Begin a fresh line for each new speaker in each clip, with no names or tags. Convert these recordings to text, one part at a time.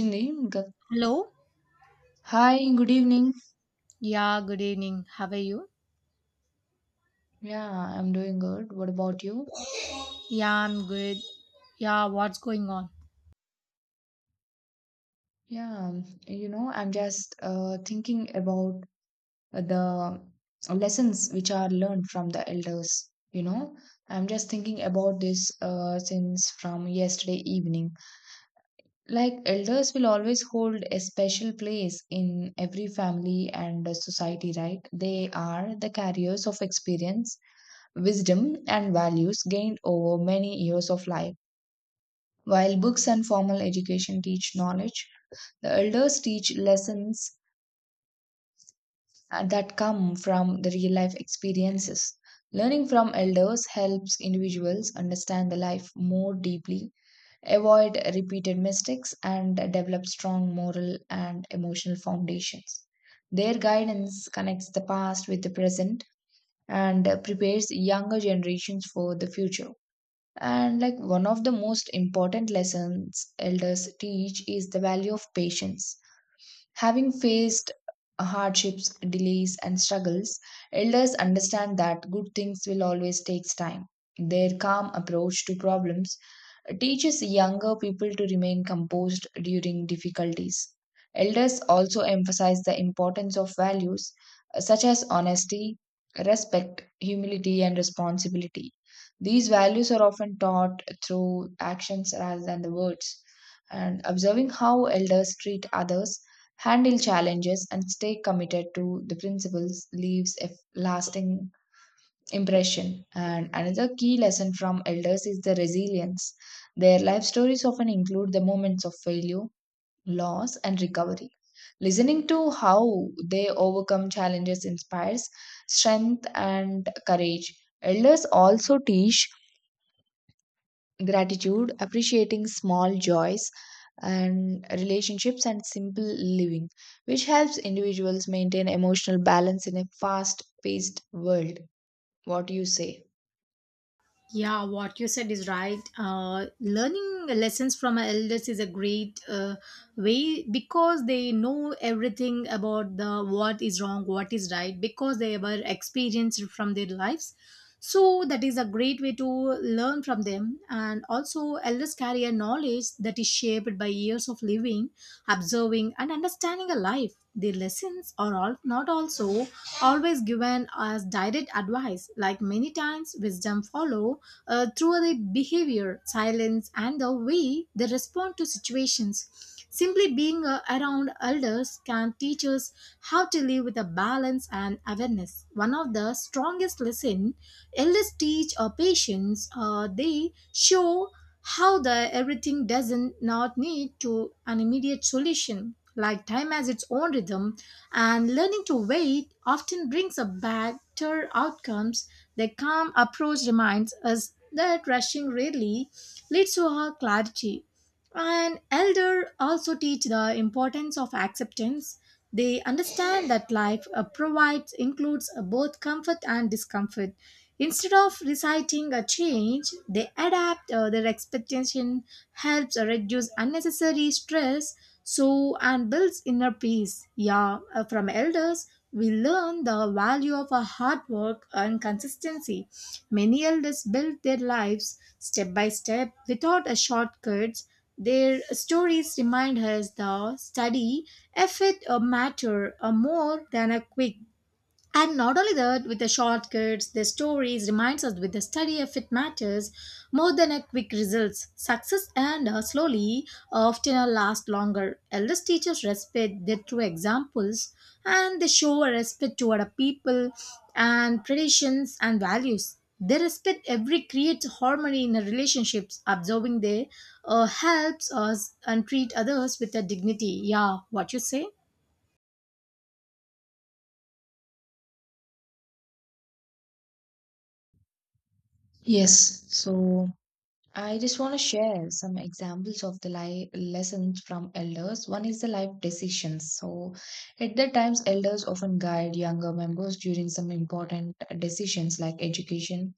Evening. Good-
Hello.
Hi, good evening.
Yeah, good evening. How are you?
Yeah, I'm doing good. What about you?
Yeah, I'm good. Yeah, what's going on?
Yeah, I'm just thinking about the lessons which are learned from the elders. You know, I'm just thinking about this since from yesterday evening. Like, elders will always hold a special place in every family and society, right? They are the carriers of experience, wisdom, and values gained over many years of life. While books and formal education teach knowledge, the elders teach lessons that come from the real life experiences. Learning from elders helps individuals understand the life more deeply, avoid repeated mistakes, and develop strong moral and emotional foundations. Their guidance connects the past with the present and prepares younger generations for the future. And like one of the most important lessons elders teach is the value of patience. Having faced hardships, delays, and struggles, elders understand that good things will always take time. Their calm approach to problems teaches younger people to remain composed during difficulties. Elders also emphasize the importance of values such as honesty, respect, humility, and responsibility. These values are often taught through actions rather than the words. And observing how elders treat others, handle challenges, and stay committed to the principles leaves a lasting impression. And another key lesson from elders is the resilience. Their life stories often include the moments of failure, loss, and recovery. Listening to how they overcome challenges inspires strength and courage. Elders also teach gratitude, appreciating small joys and relationships and simple living, which helps individuals maintain emotional balance in a fast paced world. What do you say?
Yeah, what you said is right. Learning lessons from our elders is a great way, because they know everything about the what is wrong, what is right, because they were experienced from their lives. So that is a great way to learn from them. And also, elders carry a knowledge that is shaped by years of living, observing, and understanding a life. Their lessons are all not also always given as direct advice. Like many times, wisdom follow through their behavior, silence, and the way they respond to situations. Simply being around elders can teach us how to live with a balance and awareness. One of the strongest lessons elders teach our patients, they show how the everything doesn't not need to an immediate solution. Like time has its own rhythm, and learning to wait often brings up better outcomes. The calm approach reminds us that rushing rarely leads to our clarity. And elder also teach the importance of acceptance. They understand that life provides includes both comfort and discomfort. Instead of reciting a change, they adapt their expectation helps reduce unnecessary stress so and builds inner peace. Yeah, from elders, we learn the value of our hard work and consistency. Many elders built their lives step by step without a shortcuts. Their stories remind us the study, effort, or matter are more than a quick, and not only that, with the shortcuts, the stories reminds us with the study if it matters more than a quick results. Success and slowly often last longer. Eldest teachers respect their true examples, and they show a respect toward a people and traditions and values. They respect every creates harmony in the relationships. Observing they helps us and treat others with a dignity. Yeah, what you say?
Yes, so I just want to share some examples of the life lessons from elders. One is the life decisions. So, at the times, elders often guide younger members during some important decisions like education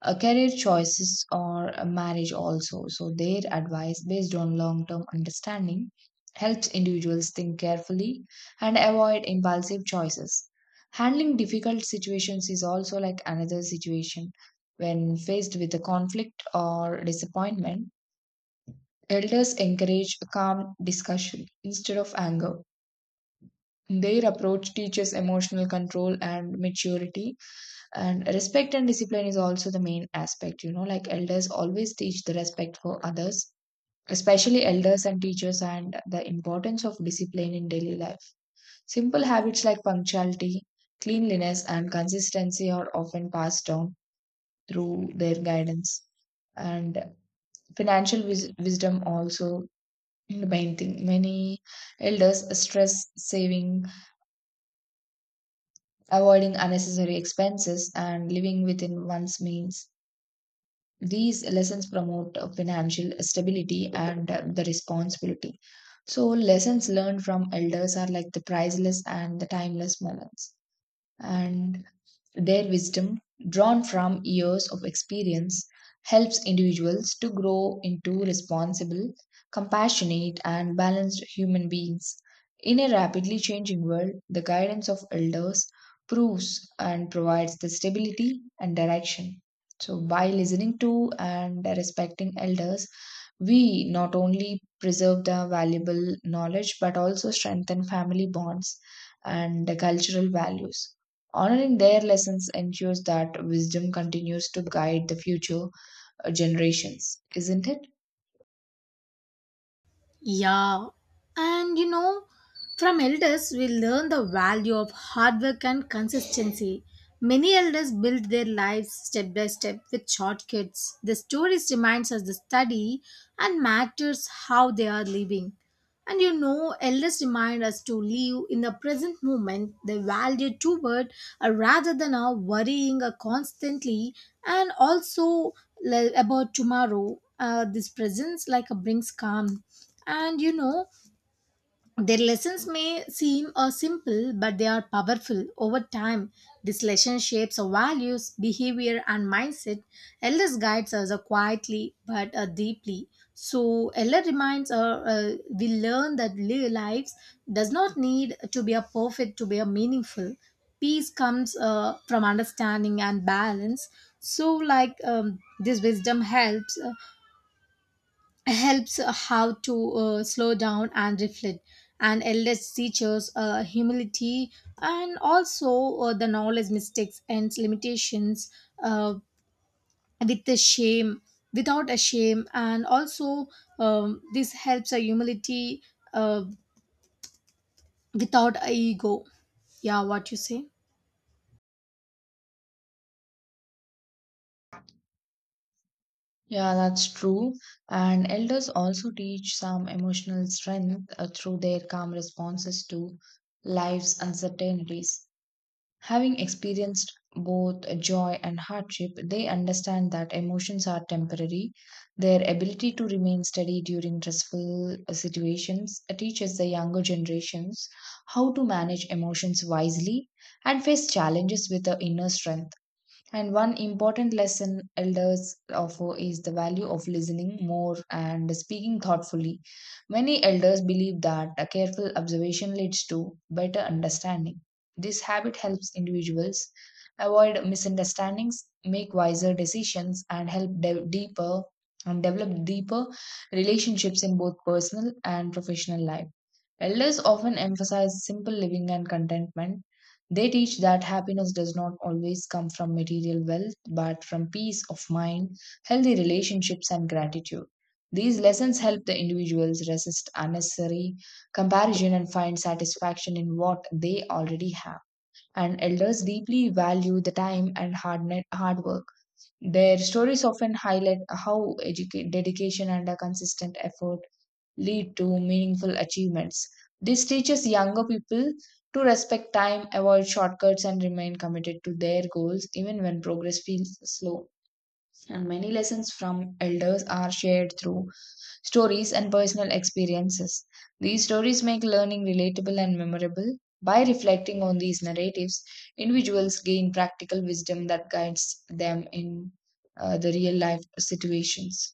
career choices or a marriage also. So their advice based on long-term understanding helps individuals think carefully and avoid impulsive choices. Handling difficult situations is also like another situation when faced with a conflict or disappointment. Elders encourage a calm discussion instead of anger. Their approach teaches emotional control and maturity, and respect and discipline is also the main aspect, you know, like elders always teach the respect for others, especially elders and teachers, and the importance of discipline in daily life. Simple habits like punctuality, cleanliness and consistency are often passed down through their guidance. And wisdom also, the main thing, many elders stress saving, avoiding unnecessary expenses and living within one's means. These lessons promote financial stability and the responsibility. So, lessons learned from elders are like the priceless and the timeless moments. And their wisdom, drawn from years of experience, helps individuals to grow into responsible, compassionate, and balanced human beings. In a rapidly changing world, the guidance of elders proves and provides the stability and direction. So, by listening to and respecting elders, we not only preserve the valuable knowledge but also strengthen family bonds and the cultural values. Honoring their lessons ensures that wisdom continues to guide the future generations, isn't it?
Yeah, and you know, from elders, we learn the value of hard work and consistency. Many elders build their lives step by step with shortcuts. The stories reminds us the study and matters how they are living. And you know, elders remind us to live in the present moment, the value toward rather than worrying constantly and also about tomorrow. This presence like brings calm. And you know, their lessons may seem simple, but they are powerful. Over time, this lesson shapes our values, behavior, and mindset. Elders guides us quietly but deeply. So, Elder reminds us we learn that lives does not need to be a perfect to be a meaningful. Peace comes from understanding and balance. So, like, this wisdom helps how to slow down and reflect. And elders teaches humility and also the knowledge mistakes and limitations, uh, with the shame without a shame. And also this helps a humility, uh, without a ego. Yeah, what you say?
Yeah, that's true. And elders also teach some emotional strength through their calm responses to life's uncertainties. Having experienced both joy and hardship, they understand that emotions are temporary. Their ability to remain steady during stressful situations teaches the younger generations how to manage emotions wisely and face challenges with the inner strength. And one important lesson elders offer is the value of listening more and speaking thoughtfully. Many elders believe that a careful observation leads to better understanding. This habit helps individuals avoid misunderstandings, make wiser decisions, and deeper and develop deeper relationships in both personal and professional life. Elders often emphasize simple living and contentment. They teach that happiness does not always come from material wealth, but from peace of mind, healthy relationships, and gratitude. These lessons help the individuals resist unnecessary comparison and find satisfaction in what they already have. And elders deeply value the time and hard work. Their stories often highlight how dedication and a consistent effort lead to meaningful achievements. This teaches younger people to respect time, avoid shortcuts, and remain committed to their goals even when progress feels slow. And many lessons from elders are shared through stories and personal experiences. These stories make learning relatable and memorable. By reflecting on these narratives, individuals gain practical wisdom that guides them in the real life situations.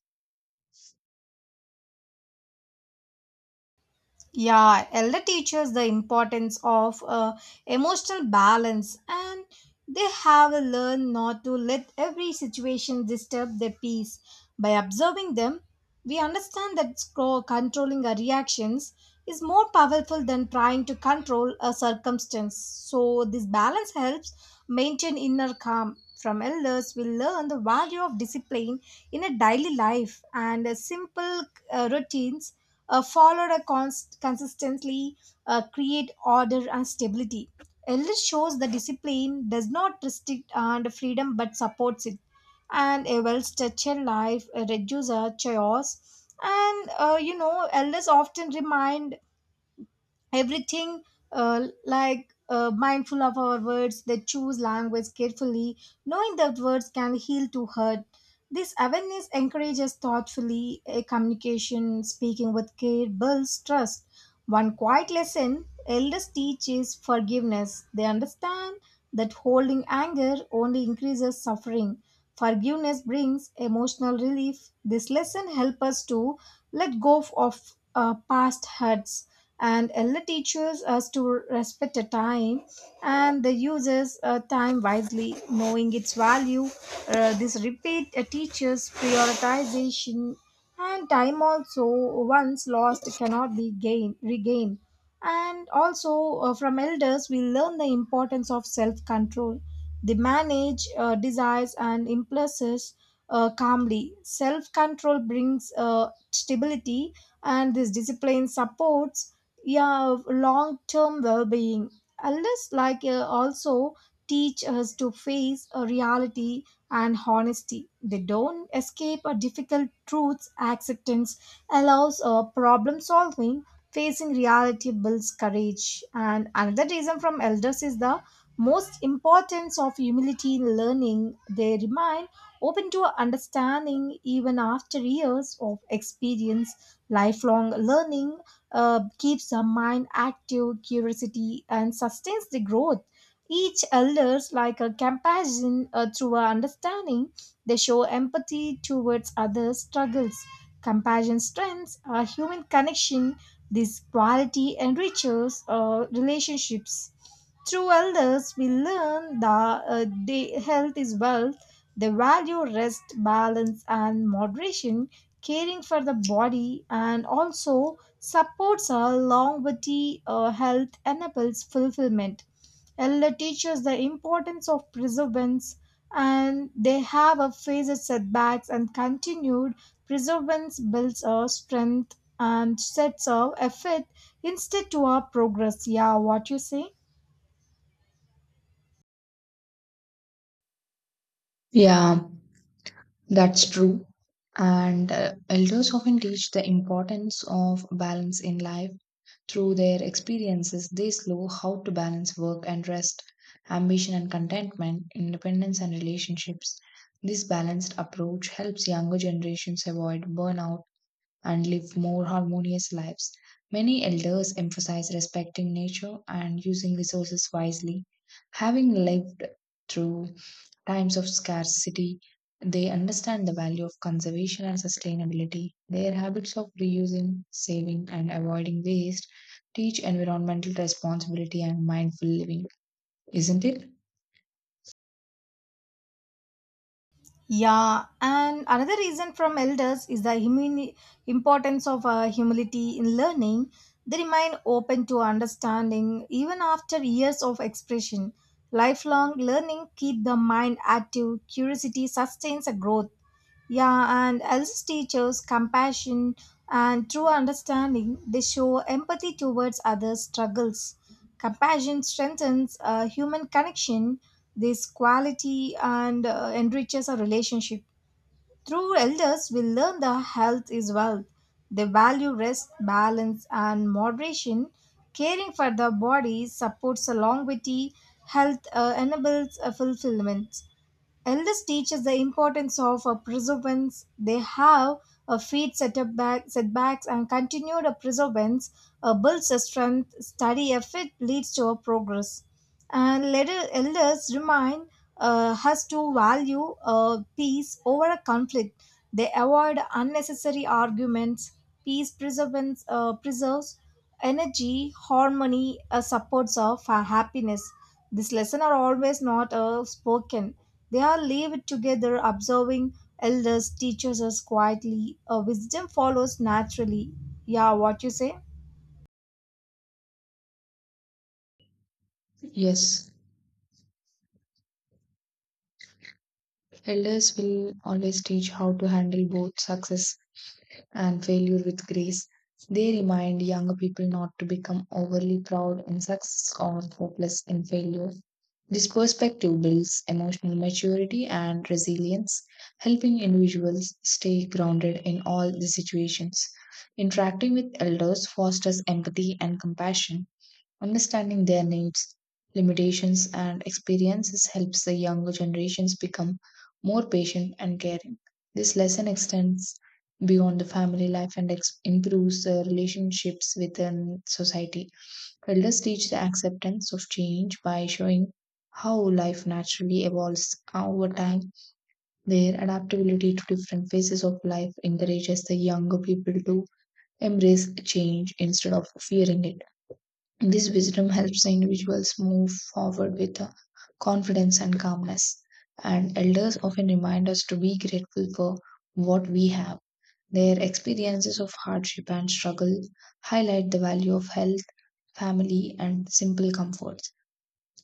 Yeah, elder teaches the importance of emotional balance, and they have learned not to let every situation disturb their peace. By observing them, we understand that controlling our reactions is more powerful than trying to control a circumstance. So, this balance helps maintain inner calm. From elders, we learn the value of discipline in a daily life, and simple routines consistently create order and stability. Elders shows the discipline does not restrict and freedom but supports it. And a well-structured life reduces chaos. And you know, elders often remind everything, like mindful of our words. They choose language carefully, knowing that words can heal to hurt. This awareness encourages thoughtfully a communication. Speaking with care builds trust. One quiet lesson elders teach is forgiveness. They understand that holding anger only increases suffering. Forgiveness brings emotional relief. This lesson helps us to let go of past hurts. And ella teaches us to respect the time and the uses time wisely, knowing its value. This repeat teaches prioritization, and time also once lost cannot be gained regained. And also, from elders, we learn the importance of self control. They manage desires and impulses calmly. Self control brings stability, and this discipline supports, yeah, long term well being. Elders, like, also teach us to face a reality and honesty. They don't escape a difficult truths. Acceptance allows problem solving. Facing reality builds courage. And another reason from elders is the most importance of humility in learning. They remain open to understanding even after years of experience. Lifelong learning keeps the mind active, curiosity, and sustains the growth. Each elders like a compassion through our understanding. They show empathy towards others' struggles. Compassion strengthens a human connection. This quality enriches relationships. Through elders, we learn that the health is wealth. They value rest, balance, and moderation, caring for the body, and also supports our longevity. Health enables fulfillment. Ella teaches the importance of perseverance, and they have a faced setbacks and continued perseverance builds our strength and sets our effort instead to our progress. Yeah, what you say?
Yeah, that's true. And elders often teach the importance of balance in life. Through their experiences, they show how to balance work and rest, ambition and contentment, independence and relationships. This balanced approach helps younger generations avoid burnout and live more harmonious lives. Many elders emphasize respecting nature and using resources wisely. Having lived through times of scarcity, they understand the value of conservation and sustainability. Their habits of reusing, saving, and avoiding waste teach environmental responsibility and mindful living, isn't it?
Yeah, and another reason from elders is the importance of humility in learning. They remain open to understanding even after years of expression. Lifelong learning keep the mind active. Curiosity sustains a growth. Yeah, and elders teachers compassion and true understanding. They show empathy towards others' struggles. Compassion strengthens human connection. This quality and enriches our relationship. Through elders, we learn that health is wealth. They value rest, balance, and moderation. Caring for the body supports a longevity, health enables a fulfillment. Elders teach us the importance of a perseverance. They have a setbacks and continued a perseverance builds a strength. Study effort leads to a progress. And let elders remind us to value peace over a conflict. They avoid unnecessary arguments. Peace preserves energy, harmony, supports of happiness. These lessons are always not spoken. They are lived together, observing elders, teachers us quietly. Wisdom follows naturally. Yeah, what you say?
Yes, elders will always teach how to handle both success and failure with grace. They remind young people not to become overly proud in success or hopeless in failure. This perspective builds emotional maturity and resilience, helping individuals stay grounded in all the situations. Interacting with elders fosters empathy and compassion. Understanding their needs, limitations, and experiences helps the younger generations become more patient and caring. This lesson extends beyond the family life and improves the relationships within society. Elders teach the acceptance of change by showing how life naturally evolves over time. Their adaptability to different phases of life encourages the younger people to embrace change instead of fearing it. This wisdom helps the individuals move forward with confidence and calmness. And elders often remind us to be grateful for what we have. Their experiences of hardship and struggle highlight the value of health, family, and simple comforts.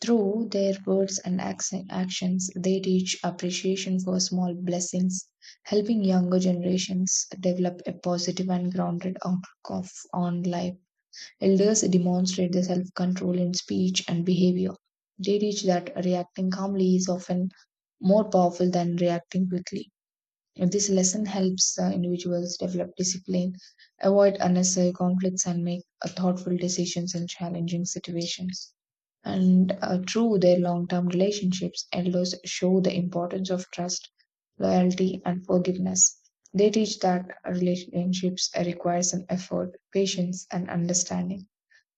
Through their words and actions, they teach appreciation for small blessings, helping younger generations develop a positive and grounded outlook on life. Elders demonstrate their self control in speech and behavior. They teach that reacting calmly is often more powerful than reacting quickly. This lesson helps individuals develop discipline, avoid unnecessary conflicts, and make thoughtful decisions in challenging situations. And through their long term relationships, elders show the importance of trust, loyalty, and forgiveness. They teach that relationships requires an effort, patience, and understanding.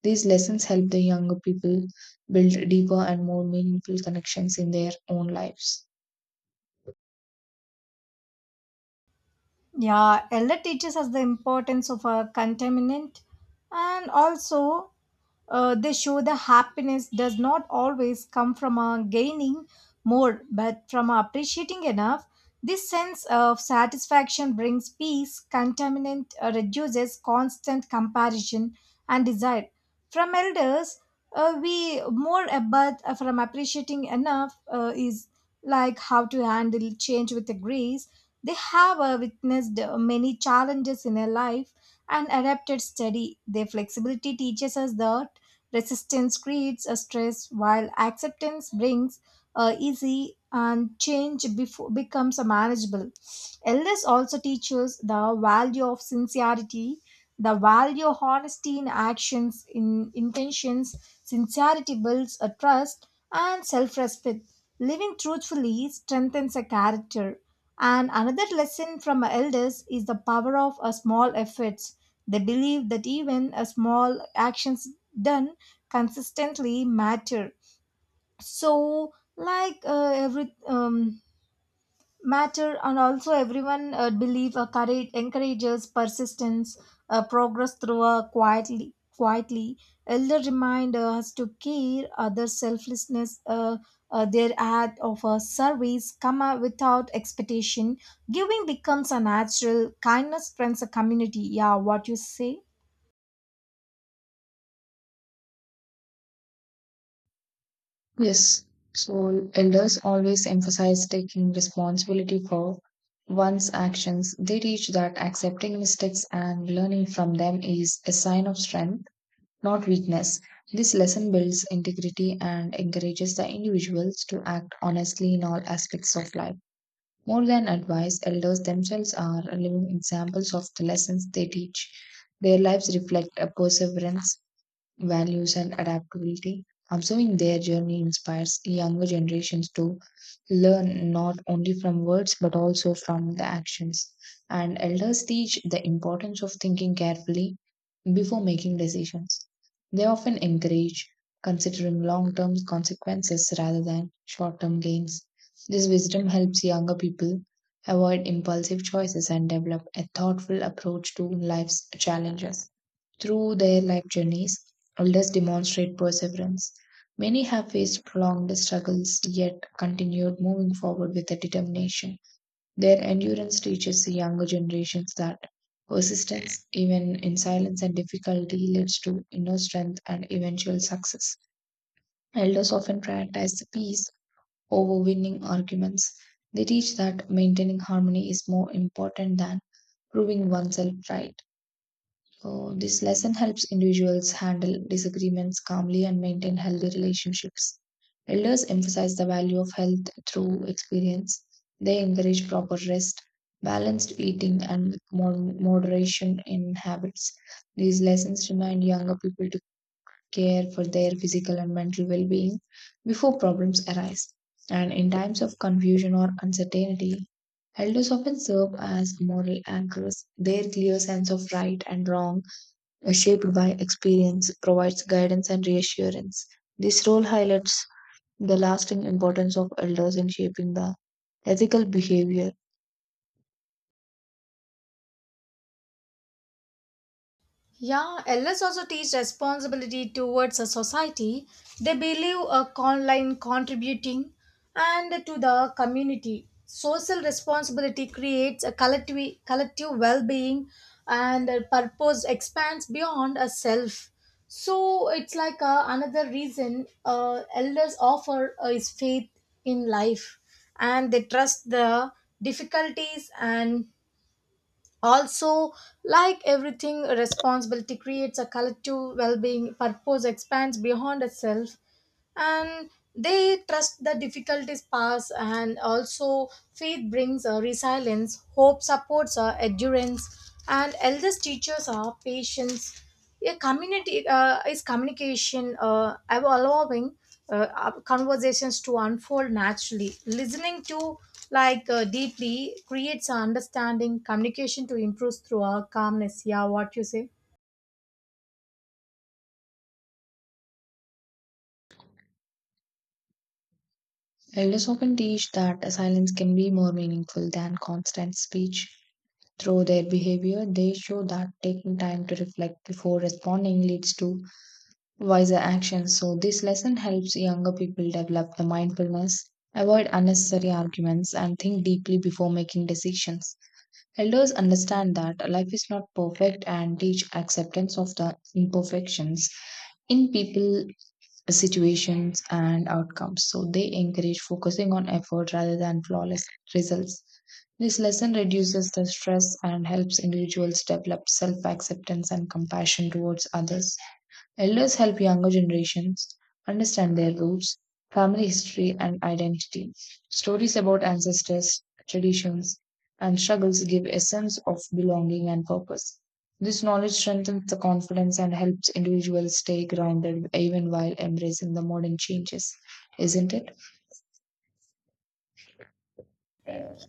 These lessons help the younger people build deeper and more meaningful connections in their own lives.
Yeah, Ella teaches us the importance of a contaminant, and also they show the happiness does not always come from a gaining more, but from a appreciating enough. This sense of satisfaction brings peace. Contaminant reduces constant comparison and desire. From elders, we more about from appreciating enough is like how to handle change with the grace. They have witnessed many challenges in their life and adapted steady. Their flexibility teaches us that resistance creates a stress, while acceptance brings easy and change before becomes a manageable. Elders also teach us the value of sincerity, the value of honesty in actions, in intentions. Sincerity builds a trust and self-respect. Living truthfully strengthens a character. And another lesson from our elders is the power of a small efforts. They believe that even a small actions done consistently matter. So, like every matter, and also everyone believe courage encourages persistence, progress through a quietly. Elder remind us to care other selflessness, their act of a service come out without expectation. Giving becomes a natural kindness. Strengthens a community. Yeah, what you say?
Yes, so elders always emphasize taking responsibility for one's actions. They teach that accepting mistakes and learning from them is a sign of strength, not weakness. This lesson builds integrity and encourages the individuals to act honestly in all aspects of life. More than advice, elders themselves are living examples of the lessons they teach. Their lives reflect a perseverance, values, and adaptability. Observing their journey inspires younger generations to learn not only from words but also from the actions. And elders teach the importance of thinking carefully before making decisions. They often encourage considering long term consequences rather than short term gains. This wisdom helps younger people avoid impulsive choices and develop a thoughtful approach to life's challenges. Through their life journeys, elders demonstrate perseverance. Many have faced prolonged struggles yet continued moving forward with a determination. Their endurance teaches the younger generations that persistence, even in silence and difficulty, leads to inner strength and eventual success. Elders often prioritize the peace over winning arguments. They teach that maintaining harmony is more important than proving oneself right. So, this lesson helps individuals handle disagreements calmly and maintain healthy relationships. Elders emphasize the value of health through experience. They encourage proper rest, balanced eating, and moderation in habits. These lessons remind younger people to care for their physical and mental well being before problems arise. And in times of confusion or uncertainty, elders often serve as moral anchors. Their clear sense of right and wrong, shaped by experience, provides guidance and reassurance. This role highlights the lasting importance of elders in shaping the ethical behavior.
Yeah, elders also teach responsibility towards a society. They believe a online contributing and to the community. Social responsibility creates a collective well-being, and a purpose expands beyond a self. So it's like another reason elders offer is faith in life, and they trust the difficulties. And also, like everything, responsibility creates a collective well being, purpose expands beyond itself, and they trust the difficulties pass. And also faith brings resilience. Hope supports endurance, and elders teachers are patience, a community is communication, allowing conversations to unfold naturally, listening to like deeply creates understanding, communication to improve through our calmness. Yeah, what you say?
Elders often teach that silence can be more meaningful than constant speech. Through their behavior, they show that taking time to reflect before responding leads to wiser actions. So, this lesson helps younger people develop the mindfulness, avoid unnecessary arguments, and think deeply before making decisions. Elders understand that life is not perfect and teach acceptance of the imperfections in people, situations, and outcomes. So they encourage focusing on effort rather than flawless results. This lesson reduces the stress and helps individuals develop self acceptance and compassion towards others. Elders help younger generations understand their roots, family history, and identity. Stories about ancestors, traditions, and struggles give a sense of belonging and purpose. This knowledge strengthens the confidence and helps individuals stay grounded even while embracing the modern changes, isn't it?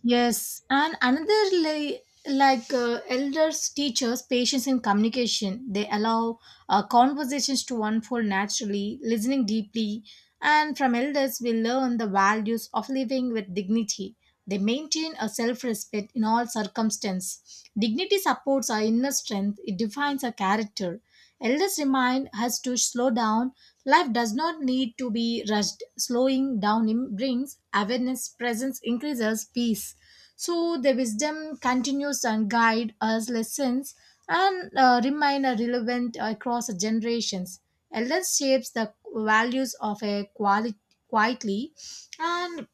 Yes, and another like elders teachers patience in communication. They allow conversations to unfold naturally, listening deeply, and from elders we learn the values of living with dignity. They maintain a self-respect in all circumstances. Dignity supports our inner strength. It defines our character. Elders remind us to slow down. Life does not need to be rushed. Slowing down brings awareness, presence increases peace. So the wisdom continues and guide us lessons and remain relevant across generations. Elders shapes the values of a quality quietly. And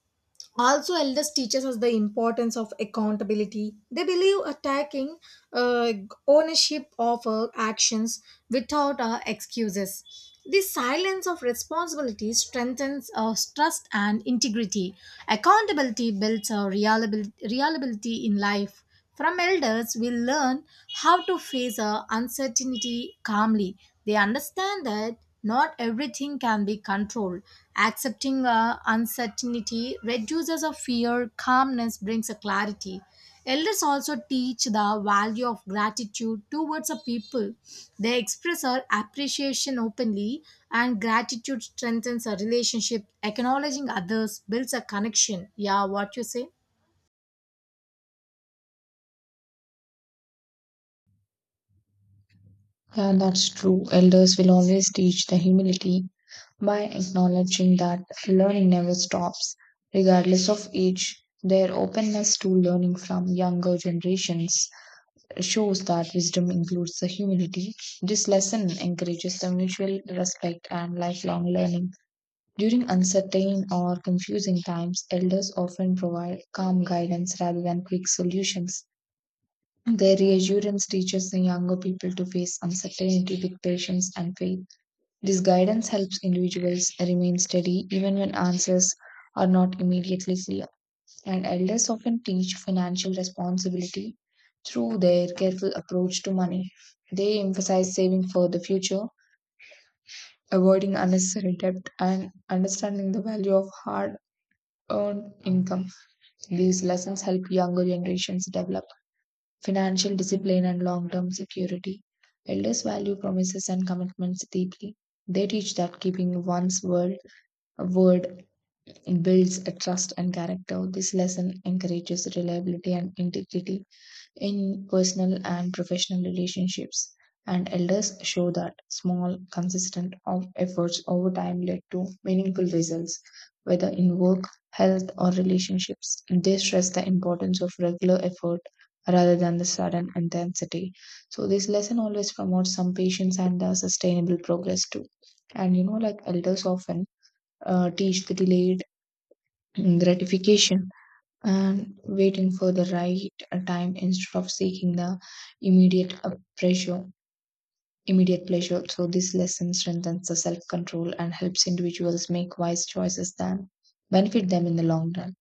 also elders teaches us the importance of accountability. They believe attacking uh, ownership of our actions without excuses. The silence of responsibility strengthens our trust and integrity. Accountability builds our reliability in life. From elders, we learn how to face our uncertainty calmly. They understand that not everything can be controlled. Accepting our uncertainty reduces our fear, calmness brings a clarity. Elders also teach the value of gratitude towards the people. They express our appreciation openly, and gratitude strengthens a relationship. Acknowledging others builds a connection. Yeah, what you say?
Yeah, that's true. Elders will always teach the humility by acknowledging that learning never stops, regardless of age. Their openness to learning from younger generations shows that wisdom includes the humility. This lesson encourages the mutual respect and lifelong learning. During uncertain or confusing times, elders often provide calm guidance rather than quick solutions. Their reassurance teaches the younger people to face uncertainty with patience and faith. This guidance helps individuals remain steady even when answers are not immediately clear. And elders often teach financial responsibility through their careful approach to money. They emphasize saving for the future, avoiding unnecessary debt, and understanding the value of hard earned income. These lessons help younger generations develop financial discipline, and long term security. Elders value promises and commitments deeply. They teach that keeping one's word builds a trust and character. This lesson encourages reliability and integrity in personal and professional relationships. And elders show that small, consistent of efforts over time led to meaningful results, whether in work, health, or relationships. They stress the importance of regular effort rather than the sudden intensity. So this lesson always promotes some patience and the sustainable progress too. And you know, like elders often teach the delayed gratification and waiting for the right time instead of seeking the immediate uh, pressure immediate pleasure. So this lesson strengthens the self-control and helps individuals make wise choices that benefit them in the long run.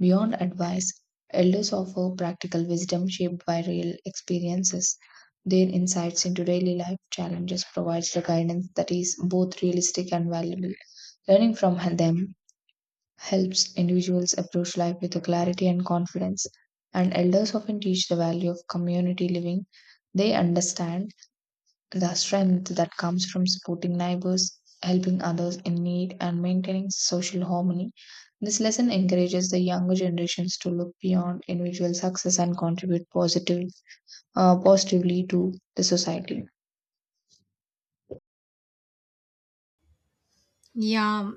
Beyond advice, elders offer practical wisdom shaped by real experiences. Their insights into daily life challenges provides the guidance that is both realistic and valuable. Learning from them helps individuals approach life with a clarity and confidence. And elders often teach the value of community living. They understand the strength that comes from supporting neighbors, helping others in need, and maintaining social harmony. This lesson encourages the younger generations to look beyond individual success and contribute positively to the society.
Yeah.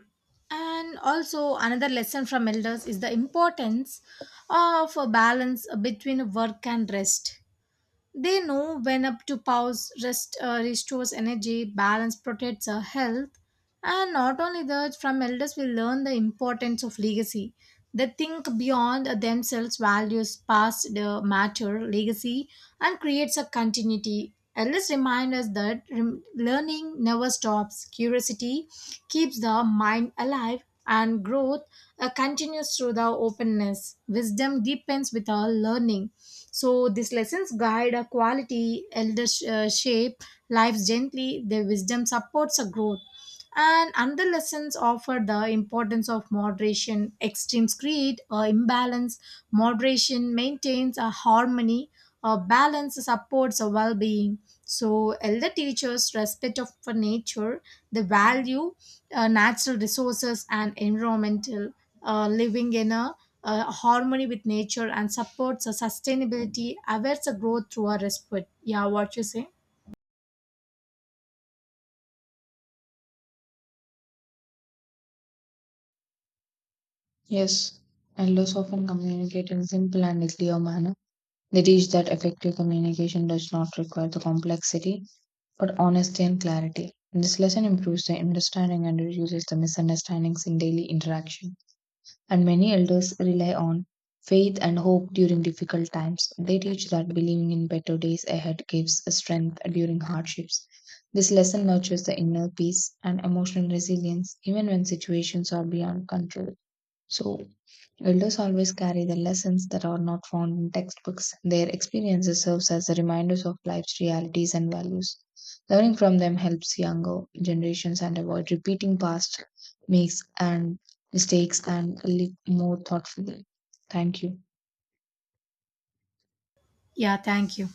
And also, another lesson from elders is the importance of a balance between work and rest. They know when up to pause, rest restores energy, balance protects our health. And not only that, from elders, we learn the importance of legacy. They think beyond themselves, values, past the matter, legacy, and creates a continuity. Ellis reminds us that learning never stops. Curiosity keeps the mind alive, and growth continues through the openness. Wisdom deepens with our learning. So these lessons guide a quality, elders shape lives gently. Their wisdom supports a growth. And another lessons offer the importance of moderation, extreme greed, or imbalance. Moderation maintains a harmony, a balance supports a well-being. So elder teachers respect of for nature, the value, natural resources, and environmental living in a harmony with nature and supports a sustainability, awares a growth through a respite. Yeah, what you say?
Yes, elders often communicate in simple and a clear manner. They teach that effective communication does not require the complexity, but honesty and clarity. This lesson improves the understanding and reduces the misunderstandings in daily interaction. And many elders rely on faith and hope during difficult times. They teach that believing in better days ahead gives strength during hardships. This lesson nurtures the inner peace and emotional resilience even when situations are beyond control. So, elders always carry the lessons that are not found in textbooks. Their experiences serves as the reminders of life's realities and values. Learning from them helps younger generations and avoid repeating past mistakes and mistakes and live more thoughtfully. Thank you.
Yeah, thank you.